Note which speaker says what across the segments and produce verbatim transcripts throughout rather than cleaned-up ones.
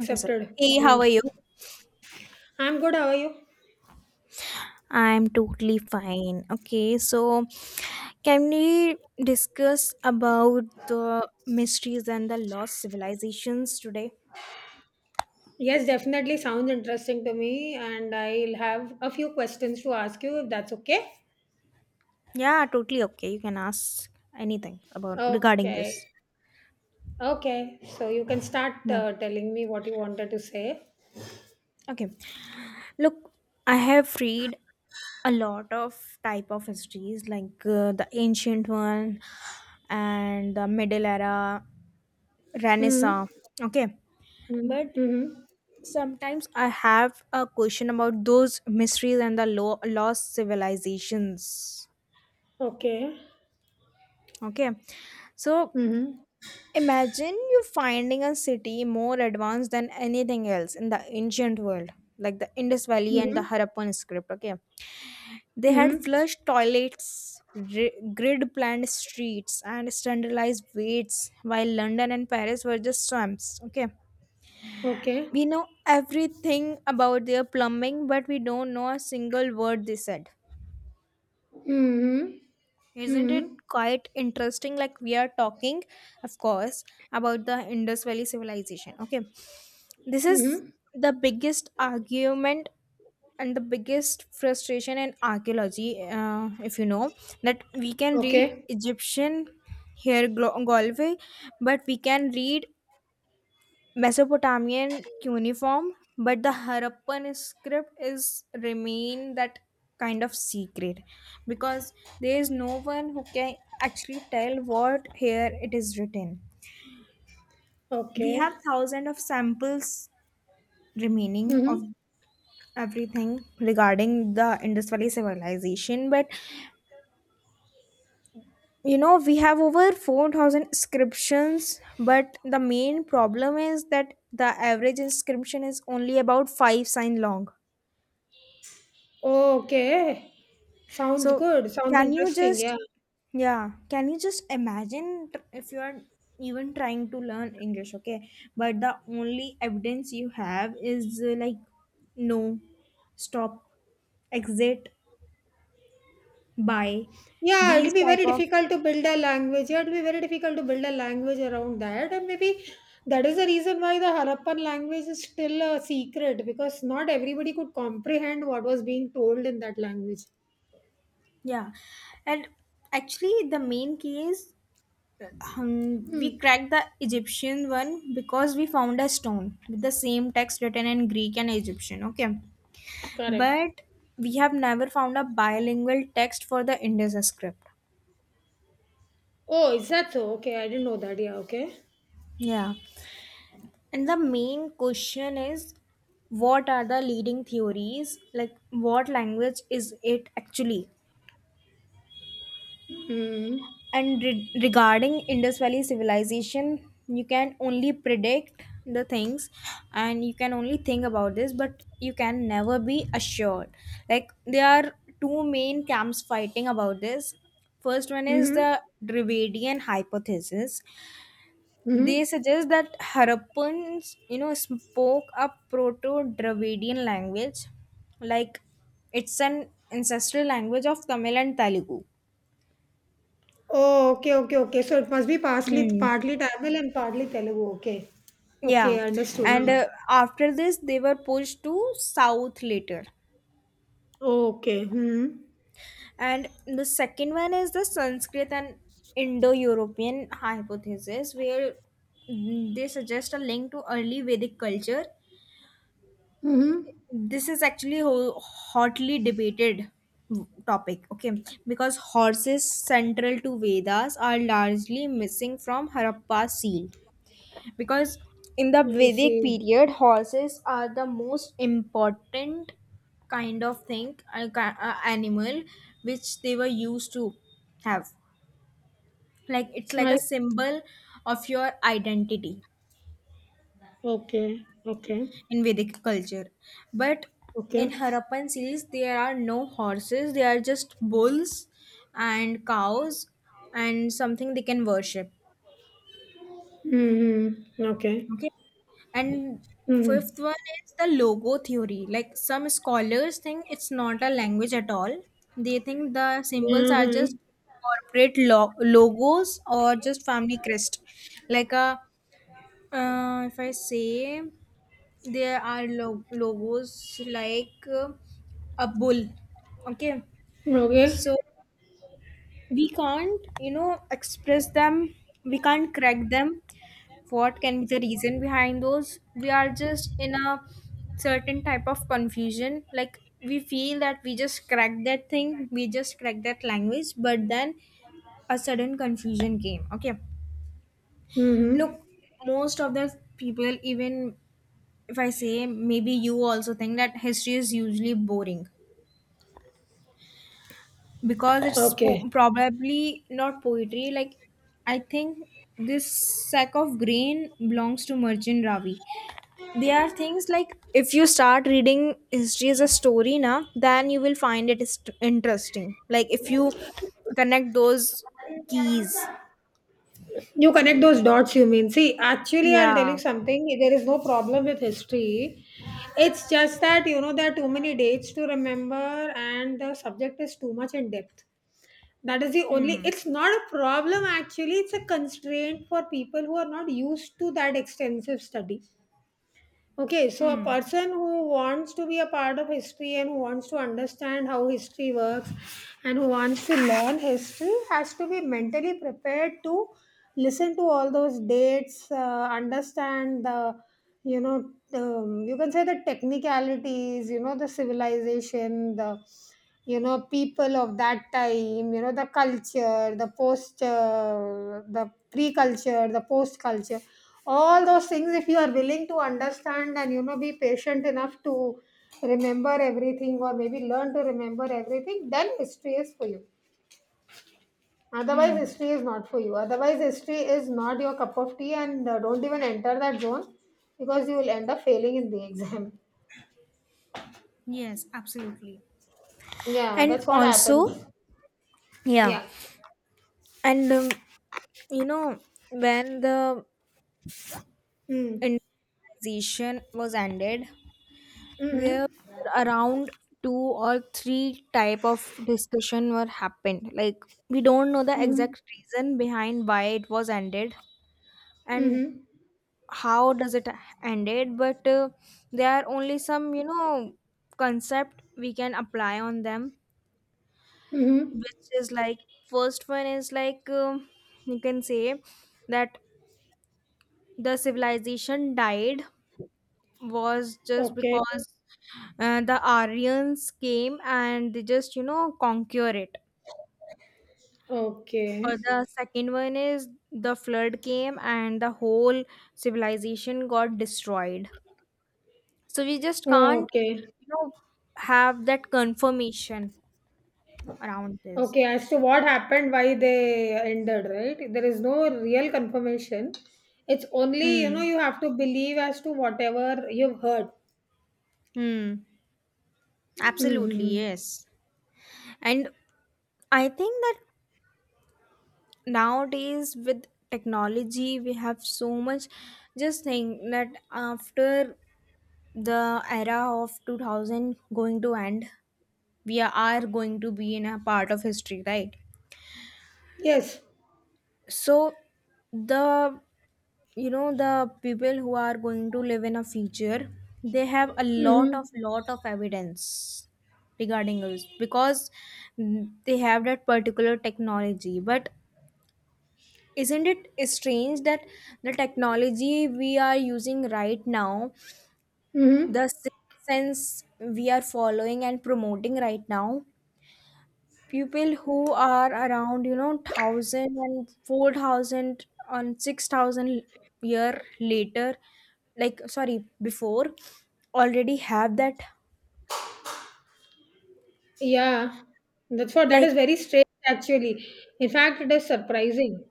Speaker 1: Okay, sir. Hey, how
Speaker 2: Yeah.
Speaker 1: are you?
Speaker 2: I'm good. How are you?
Speaker 1: I'm totally fine. Okay, so can we discuss about the mysteries and the lost civilizations today?
Speaker 2: Yes, definitely sounds interesting to me, and I'll have a few questions to ask you if that's okay.
Speaker 1: Yeah, totally okay. You can ask anything about regarding
Speaker 2: Okay.
Speaker 1: this.
Speaker 2: Okay. So you can start
Speaker 1: Yeah.
Speaker 2: uh, telling me what you wanted to say.
Speaker 1: Okay. Look, I have read a lot of type of histories like uh, the ancient one and the middle era,
Speaker 2: Mm-hmm.
Speaker 1: Renaissance. Okay. But
Speaker 2: Mm-hmm. Mm-hmm.
Speaker 1: sometimes I have a question about those mysteries and the lo- lost civilizations.
Speaker 2: Okay.
Speaker 1: Okay, so
Speaker 2: Mm-hmm.
Speaker 1: imagine you finding a city more advanced than anything else in the ancient world, like the Indus Valley and
Speaker 2: Mm-hmm.
Speaker 1: the Harappan script. Okay, they had
Speaker 2: Mm-hmm.
Speaker 1: flush toilets, ri- grid planned streets, and standardized weights, while London and Paris were just swamps. Okay,
Speaker 2: Okay.
Speaker 1: we know everything about their plumbing, but we don't know a single word they said.
Speaker 2: Mm-hmm.
Speaker 1: Isn't it
Speaker 2: Mm-hmm.
Speaker 1: quite interesting? Like, we are talking, of course, about the Indus Valley civilization. Okay, this is
Speaker 2: Mm-hmm.
Speaker 1: the biggest argument and the biggest frustration in archaeology, uh, if you know, that we can read
Speaker 2: Okay.
Speaker 1: Egyptian hieroglyphy, but we can read Mesopotamian cuneiform, but the Harappan script is remain that kind of secret because there is no one who can actually tell what here it is written. We
Speaker 2: Okay.
Speaker 1: have thousands of samples remaining
Speaker 2: Mm-hmm.
Speaker 1: of everything regarding the Indus Valley civilization, but you know, we have over four thousand inscriptions, but the main problem is that the average inscription is only about five sign long.
Speaker 2: Okay. Sounds
Speaker 1: So
Speaker 2: good. Sounds
Speaker 1: can you
Speaker 2: interesting.
Speaker 1: just,
Speaker 2: Yeah.
Speaker 1: yeah, can you just imagine tr- if you are even trying to learn English, okay? But the only evidence you have is uh, like no, stop, exit, buy,
Speaker 2: Yeah, it'll
Speaker 1: these
Speaker 2: be
Speaker 1: type
Speaker 2: very
Speaker 1: of,
Speaker 2: difficult to build a language. Yeah, it'll be very difficult to build a language around that. And maybe that is the reason why the Harappan language is still a secret because not everybody could comprehend what was being told in that language.
Speaker 1: yeah. And actually the main key is, uh, um,
Speaker 2: Hmm.
Speaker 1: we cracked the Egyptian one because we found a stone with the same text written in Greek and Egyptian, okay?
Speaker 2: Correct.
Speaker 1: But we have never found a bilingual text for the Indus script.
Speaker 2: Oh, is that so? Okay, I didn't know that. Yeah, okay.
Speaker 1: Yeah. And the main question is, what are the leading theories? Like, what language is it actually?
Speaker 2: Hmm.
Speaker 1: And re- regarding Indus Valley civilization, you can only predict the things and you can only think about this, but you can never be assured. Like, there are two main camps fighting about this. First one is
Speaker 2: Mm-hmm.
Speaker 1: the Dravidian hypothesis.
Speaker 2: Mm-hmm.
Speaker 1: They suggest that Harappans, you know, spoke a Proto-Dravidian language, like it's an ancestral language of Tamil and Telugu.
Speaker 2: Oh, okay, okay, okay. So it must be partly
Speaker 1: Hmm.
Speaker 2: partly Tamil and partly Telugu. Okay. Okay,
Speaker 1: Yeah,
Speaker 2: understood.
Speaker 1: and
Speaker 2: Huh?
Speaker 1: uh, after this, they were pushed to south later.
Speaker 2: Okay. Hmm.
Speaker 1: And the second one is the Sanskrit and Indo-European hypothesis, where mm, they suggest a link to early Vedic culture.
Speaker 2: Mm-hmm.
Speaker 1: This is actually ho- hotly debated topic, okay, because horses central to vedas are largely missing from harappa seal, because in the
Speaker 2: I
Speaker 1: vedic
Speaker 2: see.
Speaker 1: period horses are the most important kind of thing, uh, ki- uh, animal which they were used to have, like it's like a
Speaker 2: Right.
Speaker 1: symbol of your identity
Speaker 2: Okay. Okay.
Speaker 1: in Vedic culture. But in
Speaker 2: Okay.
Speaker 1: Harappan series, there are no horses, they are just bulls and cows and something they can worship.
Speaker 2: Mm-hmm. Okay.
Speaker 1: Okay. And fifth
Speaker 2: Mm-hmm.
Speaker 1: one is the logo theory. Like some scholars think it's not a language at all, they think the symbols are
Speaker 2: Mm-hmm.
Speaker 1: just corporate lo- logos or just family crest. Like a, uh, if I say, there are lo- logos like uh, a bull, okay,
Speaker 2: Okay.
Speaker 1: so we can't, you know, express them, we can't crack them. What can be the reason behind those? We are just in a certain type of confusion, like we feel that we just cracked that thing, we just cracked that language, but then a sudden confusion came, okay.
Speaker 2: Mm-hmm.
Speaker 1: Look, most of the people, even if I say, maybe you also think that history is usually boring because it's
Speaker 2: Okay.
Speaker 1: po- probably not poetry. Like, I think this sack of grain belongs to Merchant Ravi. There are things like if you start reading history as a story now, then you will find it is- interesting. Like, if you connect those keys.
Speaker 2: You connect those dots, you mean. See, actually, I'll tell you
Speaker 1: Yeah.
Speaker 2: something. There is no problem with history. It's just that, you know, there are too many dates to remember and the subject is too much in depth. That is the only,
Speaker 1: Hmm.
Speaker 2: it's not a problem actually, it's a constraint for people who are not used to that extensive study. Okay, so a
Speaker 1: Hmm.
Speaker 2: person who wants to be a part of history and who wants to understand how history works and who wants to learn history has to be mentally prepared to listen to all those dates, uh, understand the, you know, um, you can say the technicalities, you know, the civilization, the you know, people of that time, you know, the culture, the post, uh, the pre culture, the post culture, all those things, if you are willing to understand and, you know, be patient enough to remember everything or maybe learn to remember everything, then history is for you. Otherwise, history is not for you. Otherwise, history is not your cup of tea and uh, don't even enter that zone because you will end up failing in the exam.
Speaker 1: Yes, absolutely.
Speaker 2: Yeah,
Speaker 1: And
Speaker 2: that's what
Speaker 1: also,
Speaker 2: happens.
Speaker 1: yeah.
Speaker 2: Yeah.
Speaker 1: And um, you know, when the
Speaker 2: Mm.
Speaker 1: industrialization was ended, there
Speaker 2: Mm-hmm.
Speaker 1: were around two or three type of discussion were happened. Like we don't know the
Speaker 2: Mm-hmm.
Speaker 1: exact reason behind why it was ended and
Speaker 2: Mm-hmm.
Speaker 1: how does it ended, but uh, there are only some, you know, concept we can apply on them,
Speaker 2: Mm-hmm.
Speaker 1: which is like first one is like, um you can say that the civilization died was just
Speaker 2: Okay.
Speaker 1: because uh, the Aryans came and they just, you know, conquer it.
Speaker 2: Okay.
Speaker 1: Or the second one is the flood came and the whole civilization got destroyed. So we just
Speaker 2: Oh,
Speaker 1: can't,
Speaker 2: okay.
Speaker 1: you know, have that confirmation around this.
Speaker 2: Okay. As to what happened, why they ended, right? There is no real confirmation. It's only, you know,
Speaker 1: Hmm.
Speaker 2: you have to believe as to whatever you've heard.
Speaker 1: Hmm. Absolutely,
Speaker 2: Mm-hmm.
Speaker 1: yes. And I think that nowadays with technology, we have so much. Just think that after the era of two thousand going to end, we are going to be in a part of history, right?
Speaker 2: Yes.
Speaker 1: So the, you know, the people who are going to live in a future, they have a lot of
Speaker 2: Mm-hmm.
Speaker 1: lot of evidence regarding us because mm, they have that particular technology, but isn't it strange that the technology we are using right now,
Speaker 2: Mm-hmm.
Speaker 1: the sense we are following and promoting right now, people who are around, you know, thousand and four thousand and six thousand year later, like sorry, before, already have that.
Speaker 2: Yeah. That's what that
Speaker 1: Like,
Speaker 2: is very strange actually. In fact, it is surprising.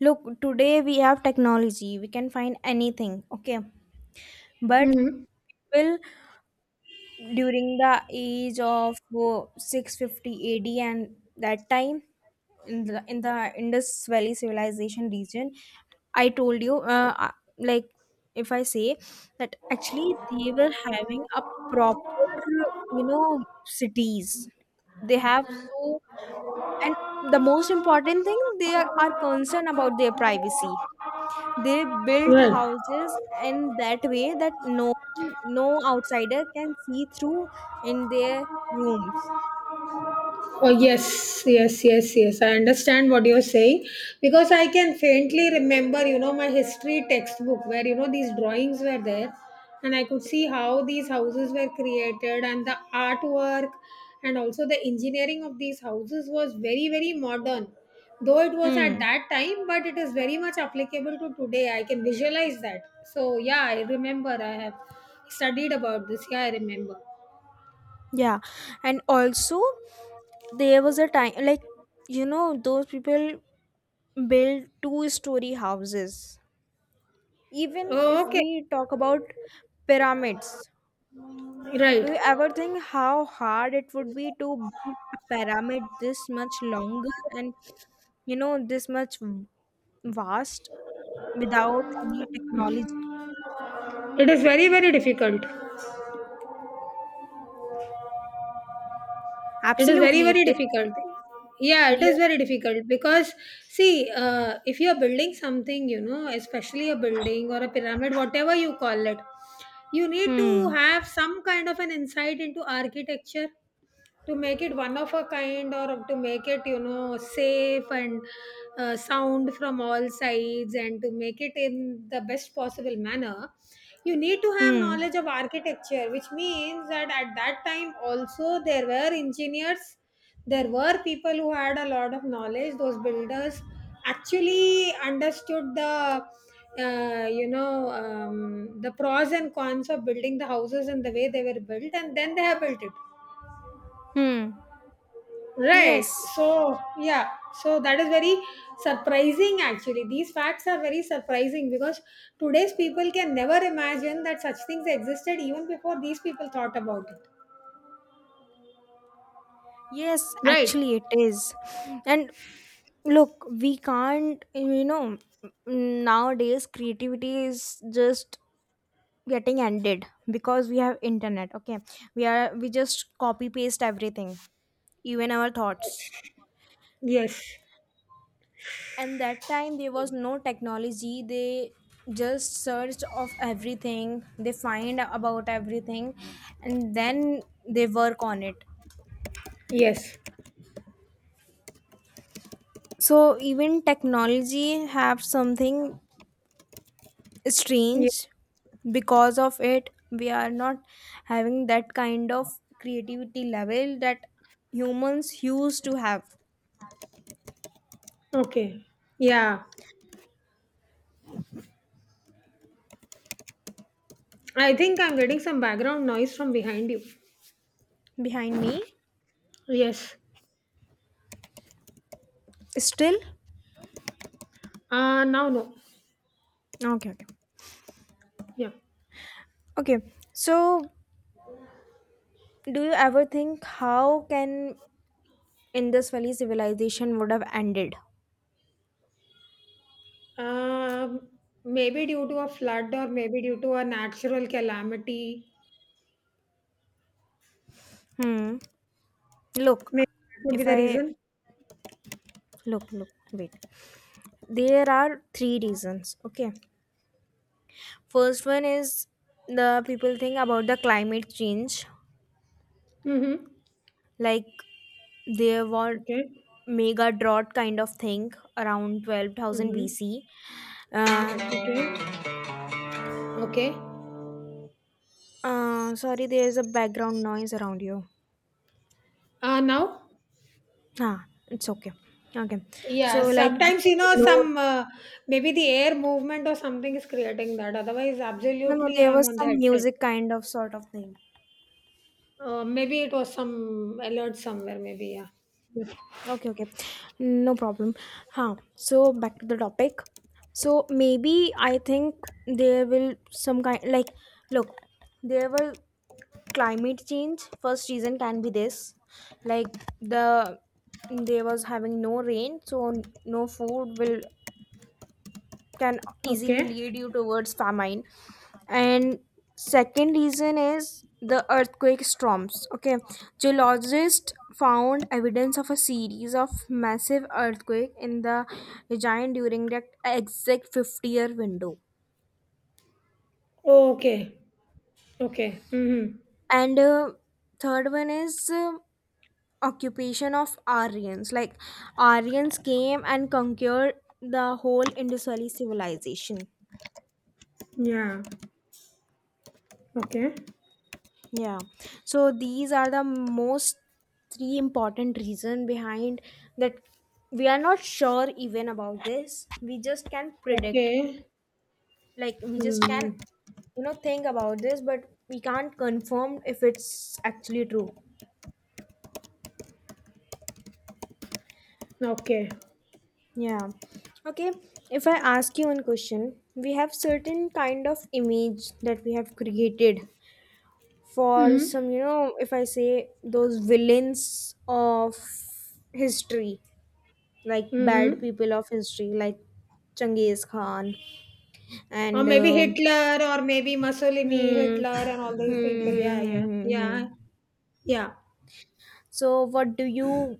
Speaker 1: look, today we have technology, we can find anything, okay, but
Speaker 2: Mm-hmm.
Speaker 1: people during the age of uh, six fifty A D and that time, in the in the Indus Valley civilization region, I told you, uh, uh, like if I say that actually they were having a proper, you know, cities they have, so, and the most important thing they are, are concerned about their privacy, they built
Speaker 2: Right.
Speaker 1: houses in that way that no, no outsider can see through in their rooms.
Speaker 2: Oh, yes, yes, yes, yes. I understand what you're saying because I can faintly remember, you know, my history textbook where, you know, these drawings were there and I could see how these houses were created and the artwork and also the engineering of these houses was very, very modern. Though it was at
Speaker 1: Hmm.
Speaker 2: that time, but it is very much applicable to today. I can visualize that. So, yeah, I remember I have studied about this. Yeah, I remember.
Speaker 1: Yeah. And also there was a time, like, you know, those people build two story houses. Even if
Speaker 2: Oh, okay.
Speaker 1: we talk about pyramids, do
Speaker 2: Right.
Speaker 1: you ever think how hard it would be to build a pyramid this much longer and, you know, this much v- vast? Without any technology.
Speaker 2: It is very, very difficult. It is very,
Speaker 1: Absolutely, it
Speaker 2: very
Speaker 1: is.
Speaker 2: difficult. Yeah, it
Speaker 1: Yeah.
Speaker 2: is very difficult because, see, uh, if you are building something, you know, especially a building or a pyramid, whatever you call it, you need to
Speaker 1: Hmm.
Speaker 2: have some kind of an insight into architecture to make it one of a kind or to make it, you know, safe and uh, sound from all sides and to make it in the best possible manner you need to have
Speaker 1: Hmm.
Speaker 2: knowledge of architecture which means that at that time also there were engineers. There were people who had a lot of knowledge. Those builders actually understood the uh, you know um, the pros and cons of building the houses and the way they were built and then they have built it.
Speaker 1: Hmm.
Speaker 2: Right.
Speaker 1: Yes.
Speaker 2: So, yeah. So that is very surprising actually. These facts are very surprising because today's people can never imagine that such things existed even before these people thought about it.
Speaker 1: Yes,
Speaker 2: Right.
Speaker 1: actually, it is. And look, we can't, you know, nowadays creativity is just getting ended because we have internet. Okay. We are, we just copy paste everything, even our thoughts.
Speaker 2: Yes.
Speaker 1: And that time there was no technology, they just searched of everything, they find about everything, and then they work on it.
Speaker 2: Yes.
Speaker 1: So even technology have something
Speaker 2: Yeah.
Speaker 1: strange, because of it we are not having that kind of creativity level that humans used to have.
Speaker 2: Okay. Yeah. I think I'm getting some background noise from behind you.
Speaker 1: Behind me?
Speaker 2: Yes.
Speaker 1: Still?
Speaker 2: Uh now no.
Speaker 1: Okay, okay,
Speaker 2: Yeah.
Speaker 1: okay. So do you ever think how can Indus Valley civilization would have ended?
Speaker 2: Um Maybe due to a flood or maybe due to a natural calamity.
Speaker 1: Hmm. Look,
Speaker 2: Maybe that would
Speaker 1: if
Speaker 2: be the
Speaker 1: I,
Speaker 2: reason.
Speaker 1: look, look, wait. There are three reasons. Okay. First one is the people think about the climate change.
Speaker 2: Mm-hmm.
Speaker 1: Like there were
Speaker 2: Okay.
Speaker 1: mega drought kind of thing around twelve thousand
Speaker 2: Mm-hmm.
Speaker 1: B C. Uh,
Speaker 2: Okay. Okay.
Speaker 1: uh, sorry, there's a background noise around you.
Speaker 2: Uh, now,
Speaker 1: Ah, it's okay. Okay.
Speaker 2: yeah,
Speaker 1: So like
Speaker 2: sometimes, you know,
Speaker 1: no,
Speaker 2: some uh, maybe the air movement or something is creating that. Otherwise,
Speaker 1: no, no,
Speaker 2: absolutely,
Speaker 1: there
Speaker 2: I'm
Speaker 1: was
Speaker 2: on the
Speaker 1: some
Speaker 2: headset.
Speaker 1: music kind of sort of thing.
Speaker 2: Uh, maybe it was some alert somewhere, maybe, yeah. Yeah.
Speaker 1: Okay, okay. No problem. Huh. So back to the topic. So maybe I think there will some kind, like look, there will climate change, first reason can be this. Like the, there was having no rain, so no food will can easily
Speaker 2: Okay.
Speaker 1: lead you towards famine. And second reason is the earthquake storms, okay, geologists found evidence of a series of massive earthquake in the giant during that exact fifty year window.
Speaker 2: Oh, okay. Okay. Mm-hmm.
Speaker 1: And uh, third one is, uh, occupation of aryans, like aryans came and conquered the whole indus valley civilization.
Speaker 2: Yeah. Okay.
Speaker 1: Yeah. So these are the most three important reason behind that. We are not sure even about this. We just can predict.
Speaker 2: Okay.
Speaker 1: Like we just can,
Speaker 2: Mm.
Speaker 1: you know, think about this, but we can't confirm if it's actually true.
Speaker 2: Okay.
Speaker 1: Yeah. Okay. If I ask you one question, we have certain kind of image that we have created for
Speaker 2: Mm-hmm.
Speaker 1: some, you know, if I say those villains of history, like bad
Speaker 2: Mm-hmm.
Speaker 1: people of history, like Genghis Khan
Speaker 2: Or
Speaker 1: and
Speaker 2: maybe
Speaker 1: um
Speaker 2: Hitler or maybe Mussolini,
Speaker 1: hmm,
Speaker 2: Hitler and all
Speaker 1: hmm,
Speaker 2: these people. Yeah,
Speaker 1: hmm, hmm,
Speaker 2: yeah,
Speaker 1: hmm,
Speaker 2: yeah,
Speaker 1: hmm.
Speaker 2: yeah.
Speaker 1: So what do you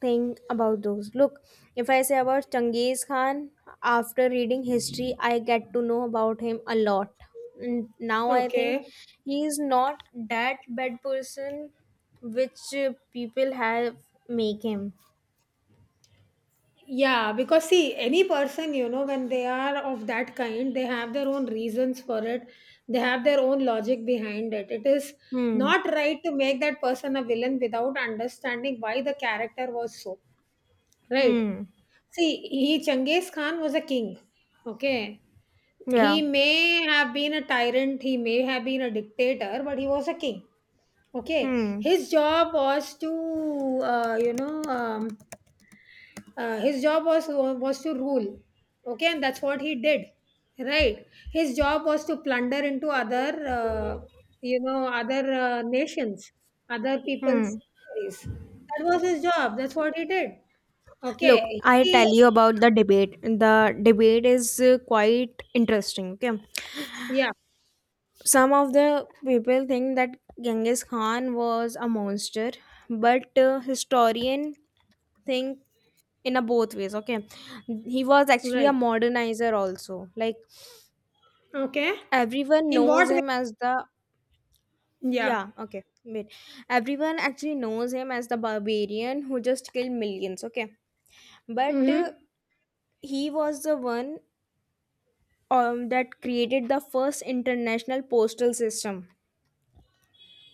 Speaker 1: think about those? Look, if I say about Genghis Khan, after reading history I get to know about him a lot, and now I think
Speaker 2: Okay.
Speaker 1: he is not that bad person which uh, people have make him.
Speaker 2: Yeah, because see, any person, you know, when they are of that kind, they have their own reasons for it. They have their own logic behind it. It is
Speaker 1: Hmm.
Speaker 2: not right to make that person a villain without understanding why the character was so. Right?
Speaker 1: Hmm.
Speaker 2: See, he Genghis Khan was a king. Okay.
Speaker 1: Yeah.
Speaker 2: He may have been a tyrant, he may have been a dictator, but he was a king. Okay,
Speaker 1: Hmm.
Speaker 2: his job was to uh, you know um, uh, his job was was to rule. Okay, and that's what he did. Right, his job was to plunder into other uh, you know other uh, nations, other
Speaker 1: Hmm.
Speaker 2: people's territories. That was his job. That's what he did.
Speaker 1: Look,
Speaker 2: Okay,
Speaker 1: I
Speaker 2: he,
Speaker 1: tell you about the debate. The debate is uh, quite interesting. Okay,
Speaker 2: yeah.
Speaker 1: some of the people think that Genghis Khan was a monster, but uh, historian think in a both ways. Okay, he was actually a
Speaker 2: Right.
Speaker 1: modernizer also. Like
Speaker 2: Okay.
Speaker 1: everyone
Speaker 2: In what
Speaker 1: knows
Speaker 2: way?
Speaker 1: him as the,
Speaker 2: Yeah.
Speaker 1: yeah. Okay, wait. Everyone actually knows him as the barbarian who just killed millions. Okay, but uh,
Speaker 2: Mm-hmm.
Speaker 1: he was the one, um, that created the first international postal system.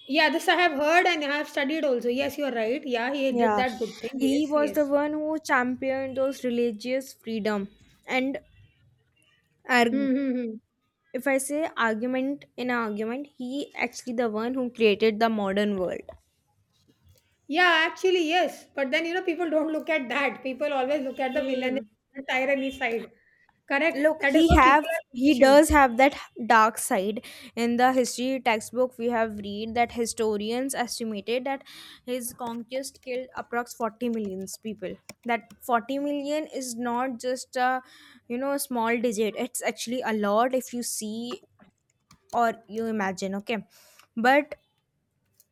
Speaker 2: Yeah, this I have heard and I have studied also. Yes, you're right. Yeah, he did
Speaker 1: Yeah,
Speaker 2: that good thing.
Speaker 1: he
Speaker 2: Yes,
Speaker 1: was the
Speaker 2: yes.
Speaker 1: one who championed those religious freedom and arg-
Speaker 2: Mm-hmm.
Speaker 1: if I say argument, in an argument, he actually the one who created the modern world.
Speaker 2: Yeah, actually, yes. But then, you know, people don't look at that. People always look at the villain
Speaker 1: Hmm.
Speaker 2: and tyranny side. Correct?
Speaker 1: Look,
Speaker 2: That is
Speaker 1: he
Speaker 2: what people
Speaker 1: have,
Speaker 2: are
Speaker 1: he
Speaker 2: conditioned.
Speaker 1: does have that dark side. In the history textbook we have read that historians estimated that his conquest killed approx forty million people. That forty million is not just a, you know a small digit. It's actually a lot if you see or you imagine, okay, but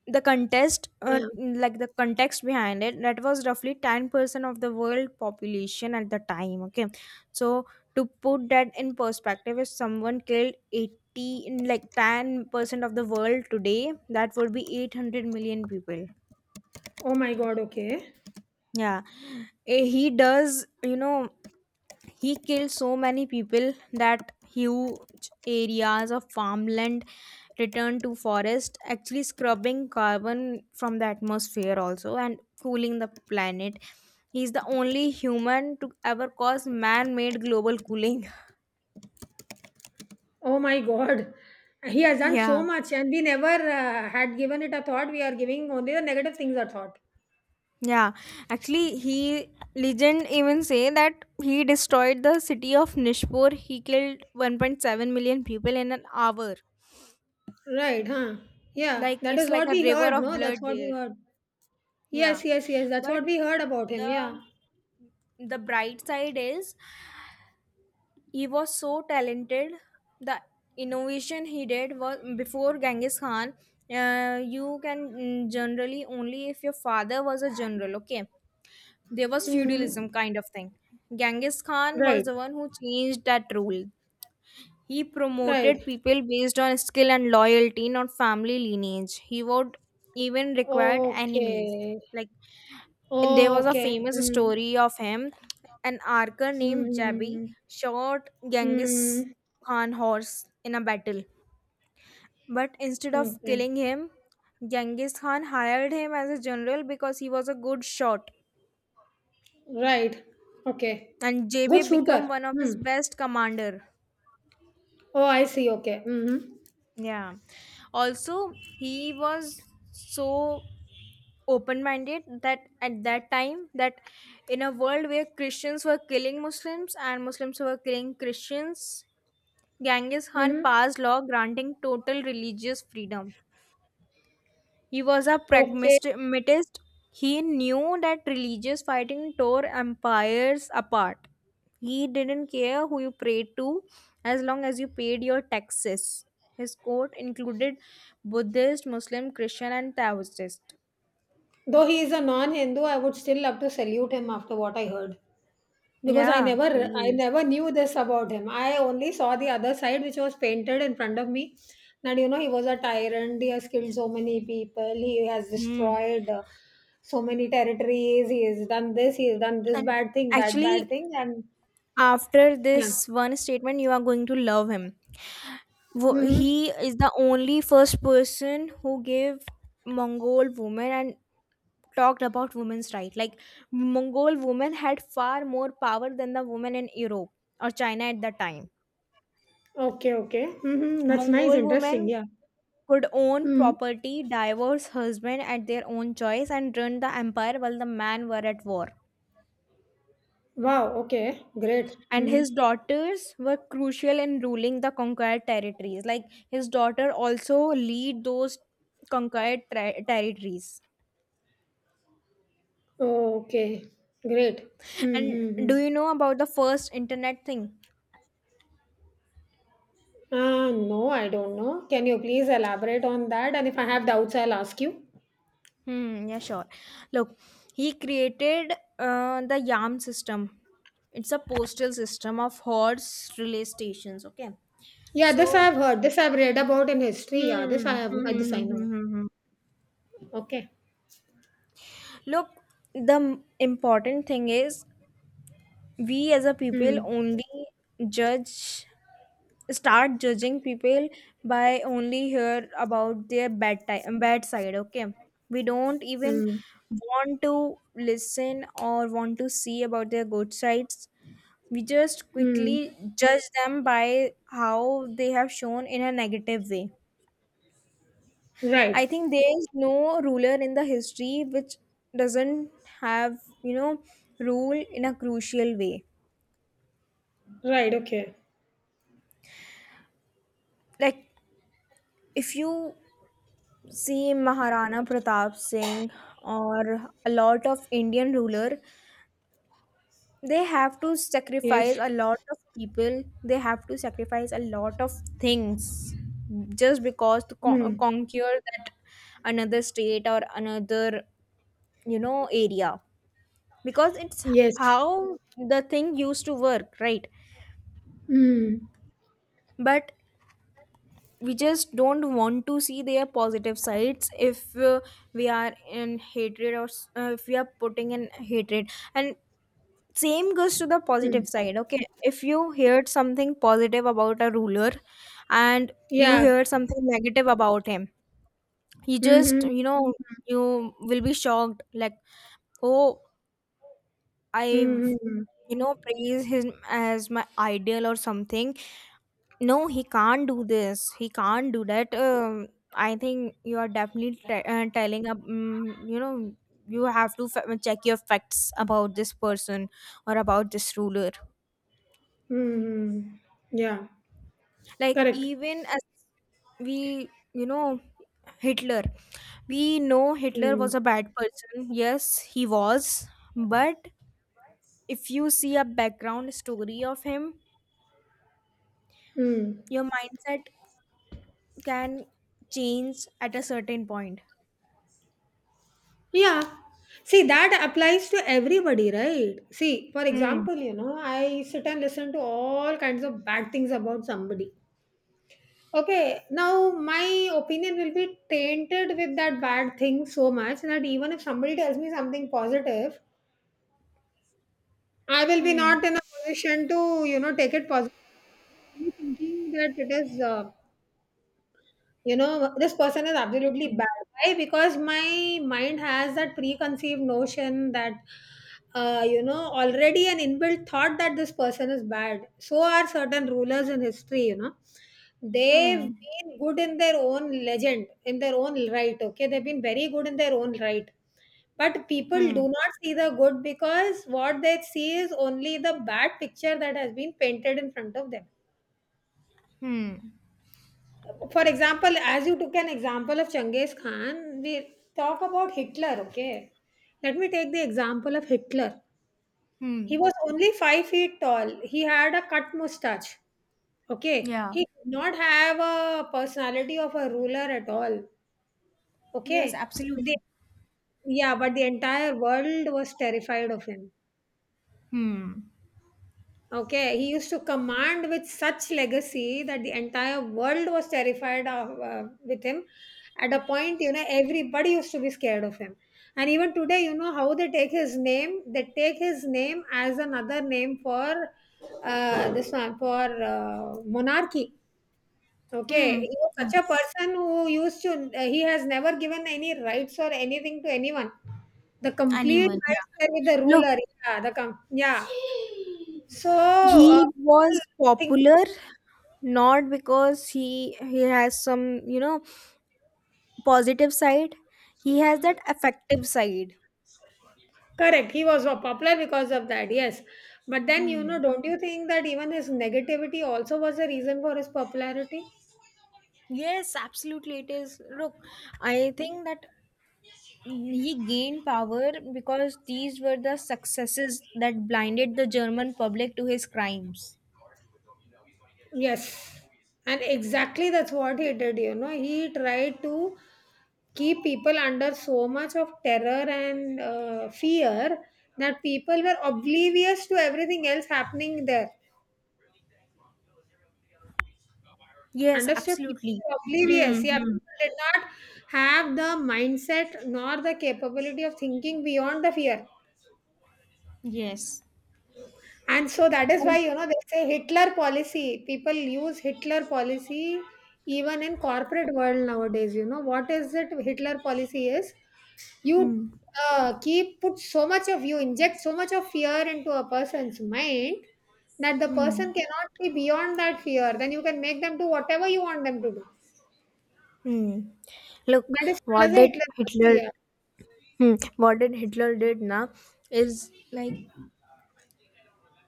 Speaker 1: the contest uh,
Speaker 2: Yeah.
Speaker 1: like the context behind it, that was roughly ten percent of the world population at the time. Okay, so to put that in perspective, if someone killed eighty, in like ten percent of the world today, that would be eight hundred million people.
Speaker 2: Oh my God. Okay.
Speaker 1: Yeah. Eh, he does, you know he killed so many people that huge areas of farmland returned to forest, actually scrubbing carbon from the atmosphere also and cooling the planet. He's the only human to ever cause man-made global cooling.
Speaker 2: Oh my God. He has done so
Speaker 1: Yeah.
Speaker 2: much and we never uh, had given it a thought. We are giving only the negative things a thought.
Speaker 1: Yeah, actually he, legend even say that he destroyed the city of Nishpur. He killed one point seven million people in an hour.
Speaker 2: Right, huh? Yeah,
Speaker 1: Like,
Speaker 2: that
Speaker 1: it's
Speaker 2: is
Speaker 1: like
Speaker 2: what
Speaker 1: a
Speaker 2: we
Speaker 1: river
Speaker 2: heard,
Speaker 1: of
Speaker 2: no? That's
Speaker 1: blood
Speaker 2: what we
Speaker 1: there.
Speaker 2: heard.
Speaker 1: Yeah.
Speaker 2: Yes, yes, yes. That's
Speaker 1: But
Speaker 2: what we heard about him.
Speaker 1: the
Speaker 2: Yeah.
Speaker 1: the bright side is he was so talented. The innovation he did was before Genghis Khan, uh, you can mm, generally only if your father was a general, okay? There was
Speaker 2: Hmm.
Speaker 1: feudalism kind of thing. Genghis Khan was
Speaker 2: Right.
Speaker 1: the one who changed that rule. He
Speaker 2: Right.
Speaker 1: promoted people based on skill and loyalty, not family lineage. He would even required enemies.
Speaker 2: Okay.
Speaker 1: Like, and there was a
Speaker 2: Okay.
Speaker 1: famous
Speaker 2: Mm.
Speaker 1: story of him, an archer named Jabi
Speaker 2: Mm.
Speaker 1: shot Genghis
Speaker 2: Mm.
Speaker 1: Khan horse in a battle. But instead of
Speaker 2: Okay.
Speaker 1: killing him, Genghis Khan hired him as a general because he was a good shot.
Speaker 2: Right. Okay.
Speaker 1: And J B
Speaker 2: Good
Speaker 1: became
Speaker 2: shooter.
Speaker 1: one of his
Speaker 2: Hmm.
Speaker 1: best commander.
Speaker 2: Oh, I see. Okay. Mm-hmm.
Speaker 1: Yeah. Also, he was so open-minded that at that time, that in a world where Christians were killing Muslims and Muslims were killing Christians, Genghis Khan
Speaker 2: Mm-hmm.
Speaker 1: passed law granting total religious freedom. He was a
Speaker 2: Okay.
Speaker 1: pragmatist. He knew that religious fighting tore empires apart. He didn't care who you prayed to as long as you paid your taxes. His court included Buddhist, Muslim, Christian, and Taoist.
Speaker 2: Though he is a non-Hindu, I would still love to salute him after what I heard. Because I
Speaker 1: Yeah,
Speaker 2: never I
Speaker 1: he is.
Speaker 2: never knew this about him. I only saw the other side which was painted in front of me. That you know he was a tyrant, he has killed so many people, he has
Speaker 1: Hmm.
Speaker 2: destroyed uh, so many territories, he has done this, he has done this
Speaker 1: And
Speaker 2: bad thing, that bad
Speaker 1: actually,
Speaker 2: thing, and
Speaker 1: after
Speaker 2: yeah.
Speaker 1: this one statement, you are going to love him. Wo-
Speaker 2: Hmm.
Speaker 1: He is the only first person who gave Mongol women an, talked about women's right. Like, Mongol women had far more power than the women in Europe or China at the time.
Speaker 2: Okay, okay. Hmm. That's nice,
Speaker 1: Mongol
Speaker 2: interesting,
Speaker 1: women
Speaker 2: yeah.
Speaker 1: could own
Speaker 2: Hmm.
Speaker 1: property, divorce husband at their own choice, and run the empire while the men were at war.
Speaker 2: Wow, okay, great.
Speaker 1: And
Speaker 2: Hmm.
Speaker 1: his daughters were crucial in ruling the conquered territories. Like, his daughter also lead those conquered ter- territories.
Speaker 2: Okay, great.
Speaker 1: And do
Speaker 2: Mm-hmm.
Speaker 1: you know about the first internet thing?
Speaker 2: Uh, no, I don't know. Can you please elaborate on that? And if I have doubts, I'll ask you.
Speaker 1: Hmm, yeah, sure. Look, he created uh, the YAM system. It's a postal system of horse relay stations. Okay.
Speaker 2: Yeah, this
Speaker 1: So,
Speaker 2: I've heard. This I've read about in history. Yeah, this I
Speaker 1: hmm, hmm,
Speaker 2: have. uh, This
Speaker 1: hmm,
Speaker 2: I
Speaker 1: hmm,
Speaker 2: know.
Speaker 1: hmm, hmm, hmm.
Speaker 2: Okay.
Speaker 1: Look, the m- important thing is we as a people
Speaker 2: Hmm.
Speaker 1: only judge, start judging people by only hear about their bad time, bad side. Okay. We don't even
Speaker 2: Hmm.
Speaker 1: want to listen or want to see about their good sides. We just
Speaker 2: Hmm.
Speaker 1: quickly judge them by how they have shown in a negative way. I
Speaker 2: Right.
Speaker 1: think there is no ruler in the history which doesn't have, you know, rule in a crucial way.
Speaker 2: Right. Okay.
Speaker 1: Like, if you see Maharana Pratap Singh or a lot of Indian ruler, they have to sacrifice
Speaker 2: Yes.
Speaker 1: a lot of people, they have to sacrifice a lot of things, just because to con-
Speaker 2: Hmm.
Speaker 1: conquer that another state or another, you know area, because it's
Speaker 2: Yes.
Speaker 1: how the thing used to work, right?
Speaker 2: Hmm.
Speaker 1: But we just don't want to see their positive sides if uh, we are in hatred, or s- uh, if we are putting in hatred. And same goes to the
Speaker 2: Hmm.
Speaker 1: positive side. Okay, if you heard something positive about a ruler and you
Speaker 2: Yeah.
Speaker 1: heard something negative about him, you just,
Speaker 2: Hmm.
Speaker 1: you know you will be shocked. Like, oh, I,
Speaker 2: Hmm. Hmm.
Speaker 1: you know praise him as my ideal or something. No, he can't do this, he can't do that. um, I think you are definitely te- uh, telling up, um, you know you have to fa- check your facts about this person or about this ruler.
Speaker 2: Hmm. Hmm. Yeah.
Speaker 1: Like,
Speaker 2: Correct.
Speaker 1: even as we, you know Hitler, we know Hitler was
Speaker 2: Hmm.
Speaker 1: a bad person. Yes, he was, but if you see a background story of him,
Speaker 2: Hmm.
Speaker 1: your mindset can change at a certain point.
Speaker 2: Yeah. See, that applies to everybody, right? See, for
Speaker 1: hmm
Speaker 2: example, you know, I sit and listen to all kinds of bad things about somebody. Okay, now my opinion will be tainted with that bad thing so much that even if somebody tells me something positive, I will be not
Speaker 1: hmm
Speaker 2: in a position to, you know, take it positively, thinking that it is uh, you know this person is absolutely
Speaker 1: hmm
Speaker 2: bad. Why? Because my mind has that preconceived notion that uh, you know already an inbuilt thought that this person is bad. So are certain rulers in history, you know they've
Speaker 1: hmm
Speaker 2: been good in their own legend in their own right. Okay, they've been very good in their own right, but people do
Speaker 1: hmm
Speaker 2: not see the good because what they see is only the bad picture that has been painted in front of them.
Speaker 1: hmm
Speaker 2: For example, as you took an example of Genghis Khan, we talk about Hitler, okay? Let me take the example of Hitler. He
Speaker 1: hmm
Speaker 2: was only five feet tall. He had a cut mustache. Okay.
Speaker 1: yeah.
Speaker 2: He did not have a personality of a ruler at all.
Speaker 1: Yes,
Speaker 2: Okay.
Speaker 1: absolutely.
Speaker 2: The, yeah, but the entire world was terrified of him.
Speaker 1: hmm
Speaker 2: Okay, he used to command with such legacy that the entire world was terrified of, uh, with him. At a point, you know, everybody used to be scared of him. And even today, you know how they take his name? They take his name as another name for uh, this one, for uh, monarchy. Okay, he
Speaker 1: hmm
Speaker 2: was such a person who used to, uh, he has never given any rights or anything to anyone. The complete rights were with the
Speaker 1: look,
Speaker 2: ruler. Yeah, the com- yeah. So, uh,
Speaker 1: he
Speaker 2: people
Speaker 1: was
Speaker 2: think.
Speaker 1: popular not because he he has some, you know positive side. He has that affective side.
Speaker 2: Correct. He was uh, popular because of that, yes. But then, you
Speaker 1: Hmm.
Speaker 2: know, don't you think that even his negativity also was a reason for his popularity?
Speaker 1: Yes, absolutely. It is. Look, I think that he gained power because these were the successes that blinded the German public to his crimes.
Speaker 2: Yes. And exactly that's what he did, you know. He tried to keep people under so much of terror and uh, fear that people were oblivious to everything else happening there.
Speaker 1: Yes,
Speaker 2: Understood.
Speaker 1: absolutely. Hmm.
Speaker 2: Oblivious. Yeah,
Speaker 1: hmm.
Speaker 2: people did not have the mindset nor the capability of thinking beyond the fear.
Speaker 1: Yes.
Speaker 2: And so that is why,
Speaker 1: And,
Speaker 2: you know, they say Hitler policy. People use Hitler policy even in corporate world nowadays. You know, what is it Hitler policy is? You
Speaker 1: Hmm.
Speaker 2: uh, keep put so much of you inject so much of fear into a person's mind that the
Speaker 1: Hmm.
Speaker 2: person cannot see beyond that fear. Then you can make them do whatever you want them to do.
Speaker 1: hmm. look,
Speaker 2: That is called
Speaker 1: what
Speaker 2: as a
Speaker 1: did
Speaker 2: Hitler policy.
Speaker 1: Hitler,
Speaker 2: Yeah.
Speaker 1: hmm, what did Hitler did now is like.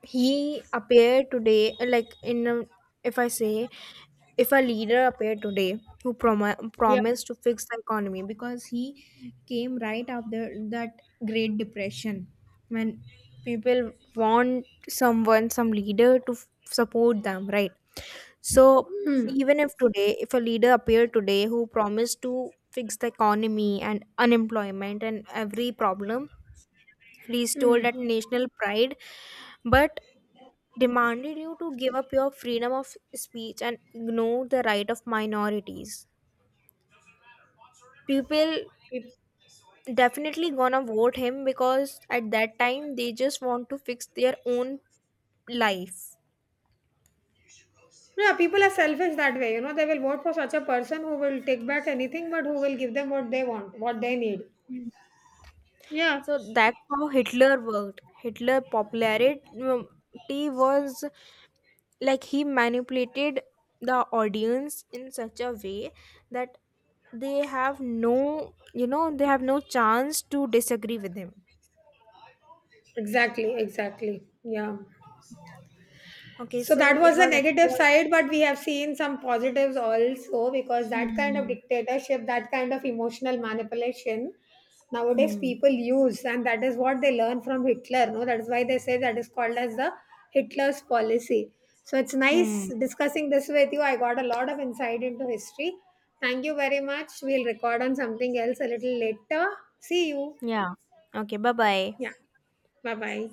Speaker 1: He appeared today like, in a, if I say, if a leader appeared today who prom-
Speaker 2: Yeah.
Speaker 1: promised to fix the economy, because he came right after that great depression, when people want someone, some leader to f- support them, right? So
Speaker 2: Hmm.
Speaker 1: even if today, if a leader appeared today who promised to fix the economy and unemployment and every problem, restore
Speaker 2: Hmm.
Speaker 1: that national pride, but demanded you to give up your freedom of speech and ignore the right of minorities. People
Speaker 2: Peop-
Speaker 1: definitely gonna vote him, because at that time they just want to fix their own life.
Speaker 2: Yeah, people are selfish that way. You know, they will vote for such a person who will take back anything, but who will give them what they want, what they need. Yeah.
Speaker 1: So that's how Hitler worked. Hitler popularity was, like, he manipulated the audience in such a way that they have no, you know they have no chance to disagree with him.
Speaker 2: Exactly. Exactly. Yeah.
Speaker 1: Okay,
Speaker 2: So
Speaker 1: so
Speaker 2: that
Speaker 1: it
Speaker 2: was the
Speaker 1: was actually
Speaker 2: negative
Speaker 1: a-
Speaker 2: side, but we have seen some positives also because that kind of
Speaker 1: Hmm.
Speaker 2: dictatorship, that kind of emotional manipulation nowadays
Speaker 1: Hmm.
Speaker 2: people use, and that is what they learn from Hitler. No, that is why they say that is called as the Hitler's policy. So it's
Speaker 1: Hmm.
Speaker 2: nice discussing this with you. I got a lot of insight into history. Thank you very much. We'll record on something else a little later. See you.
Speaker 1: Yeah. Okay. Bye bye.
Speaker 2: Yeah. Bye bye.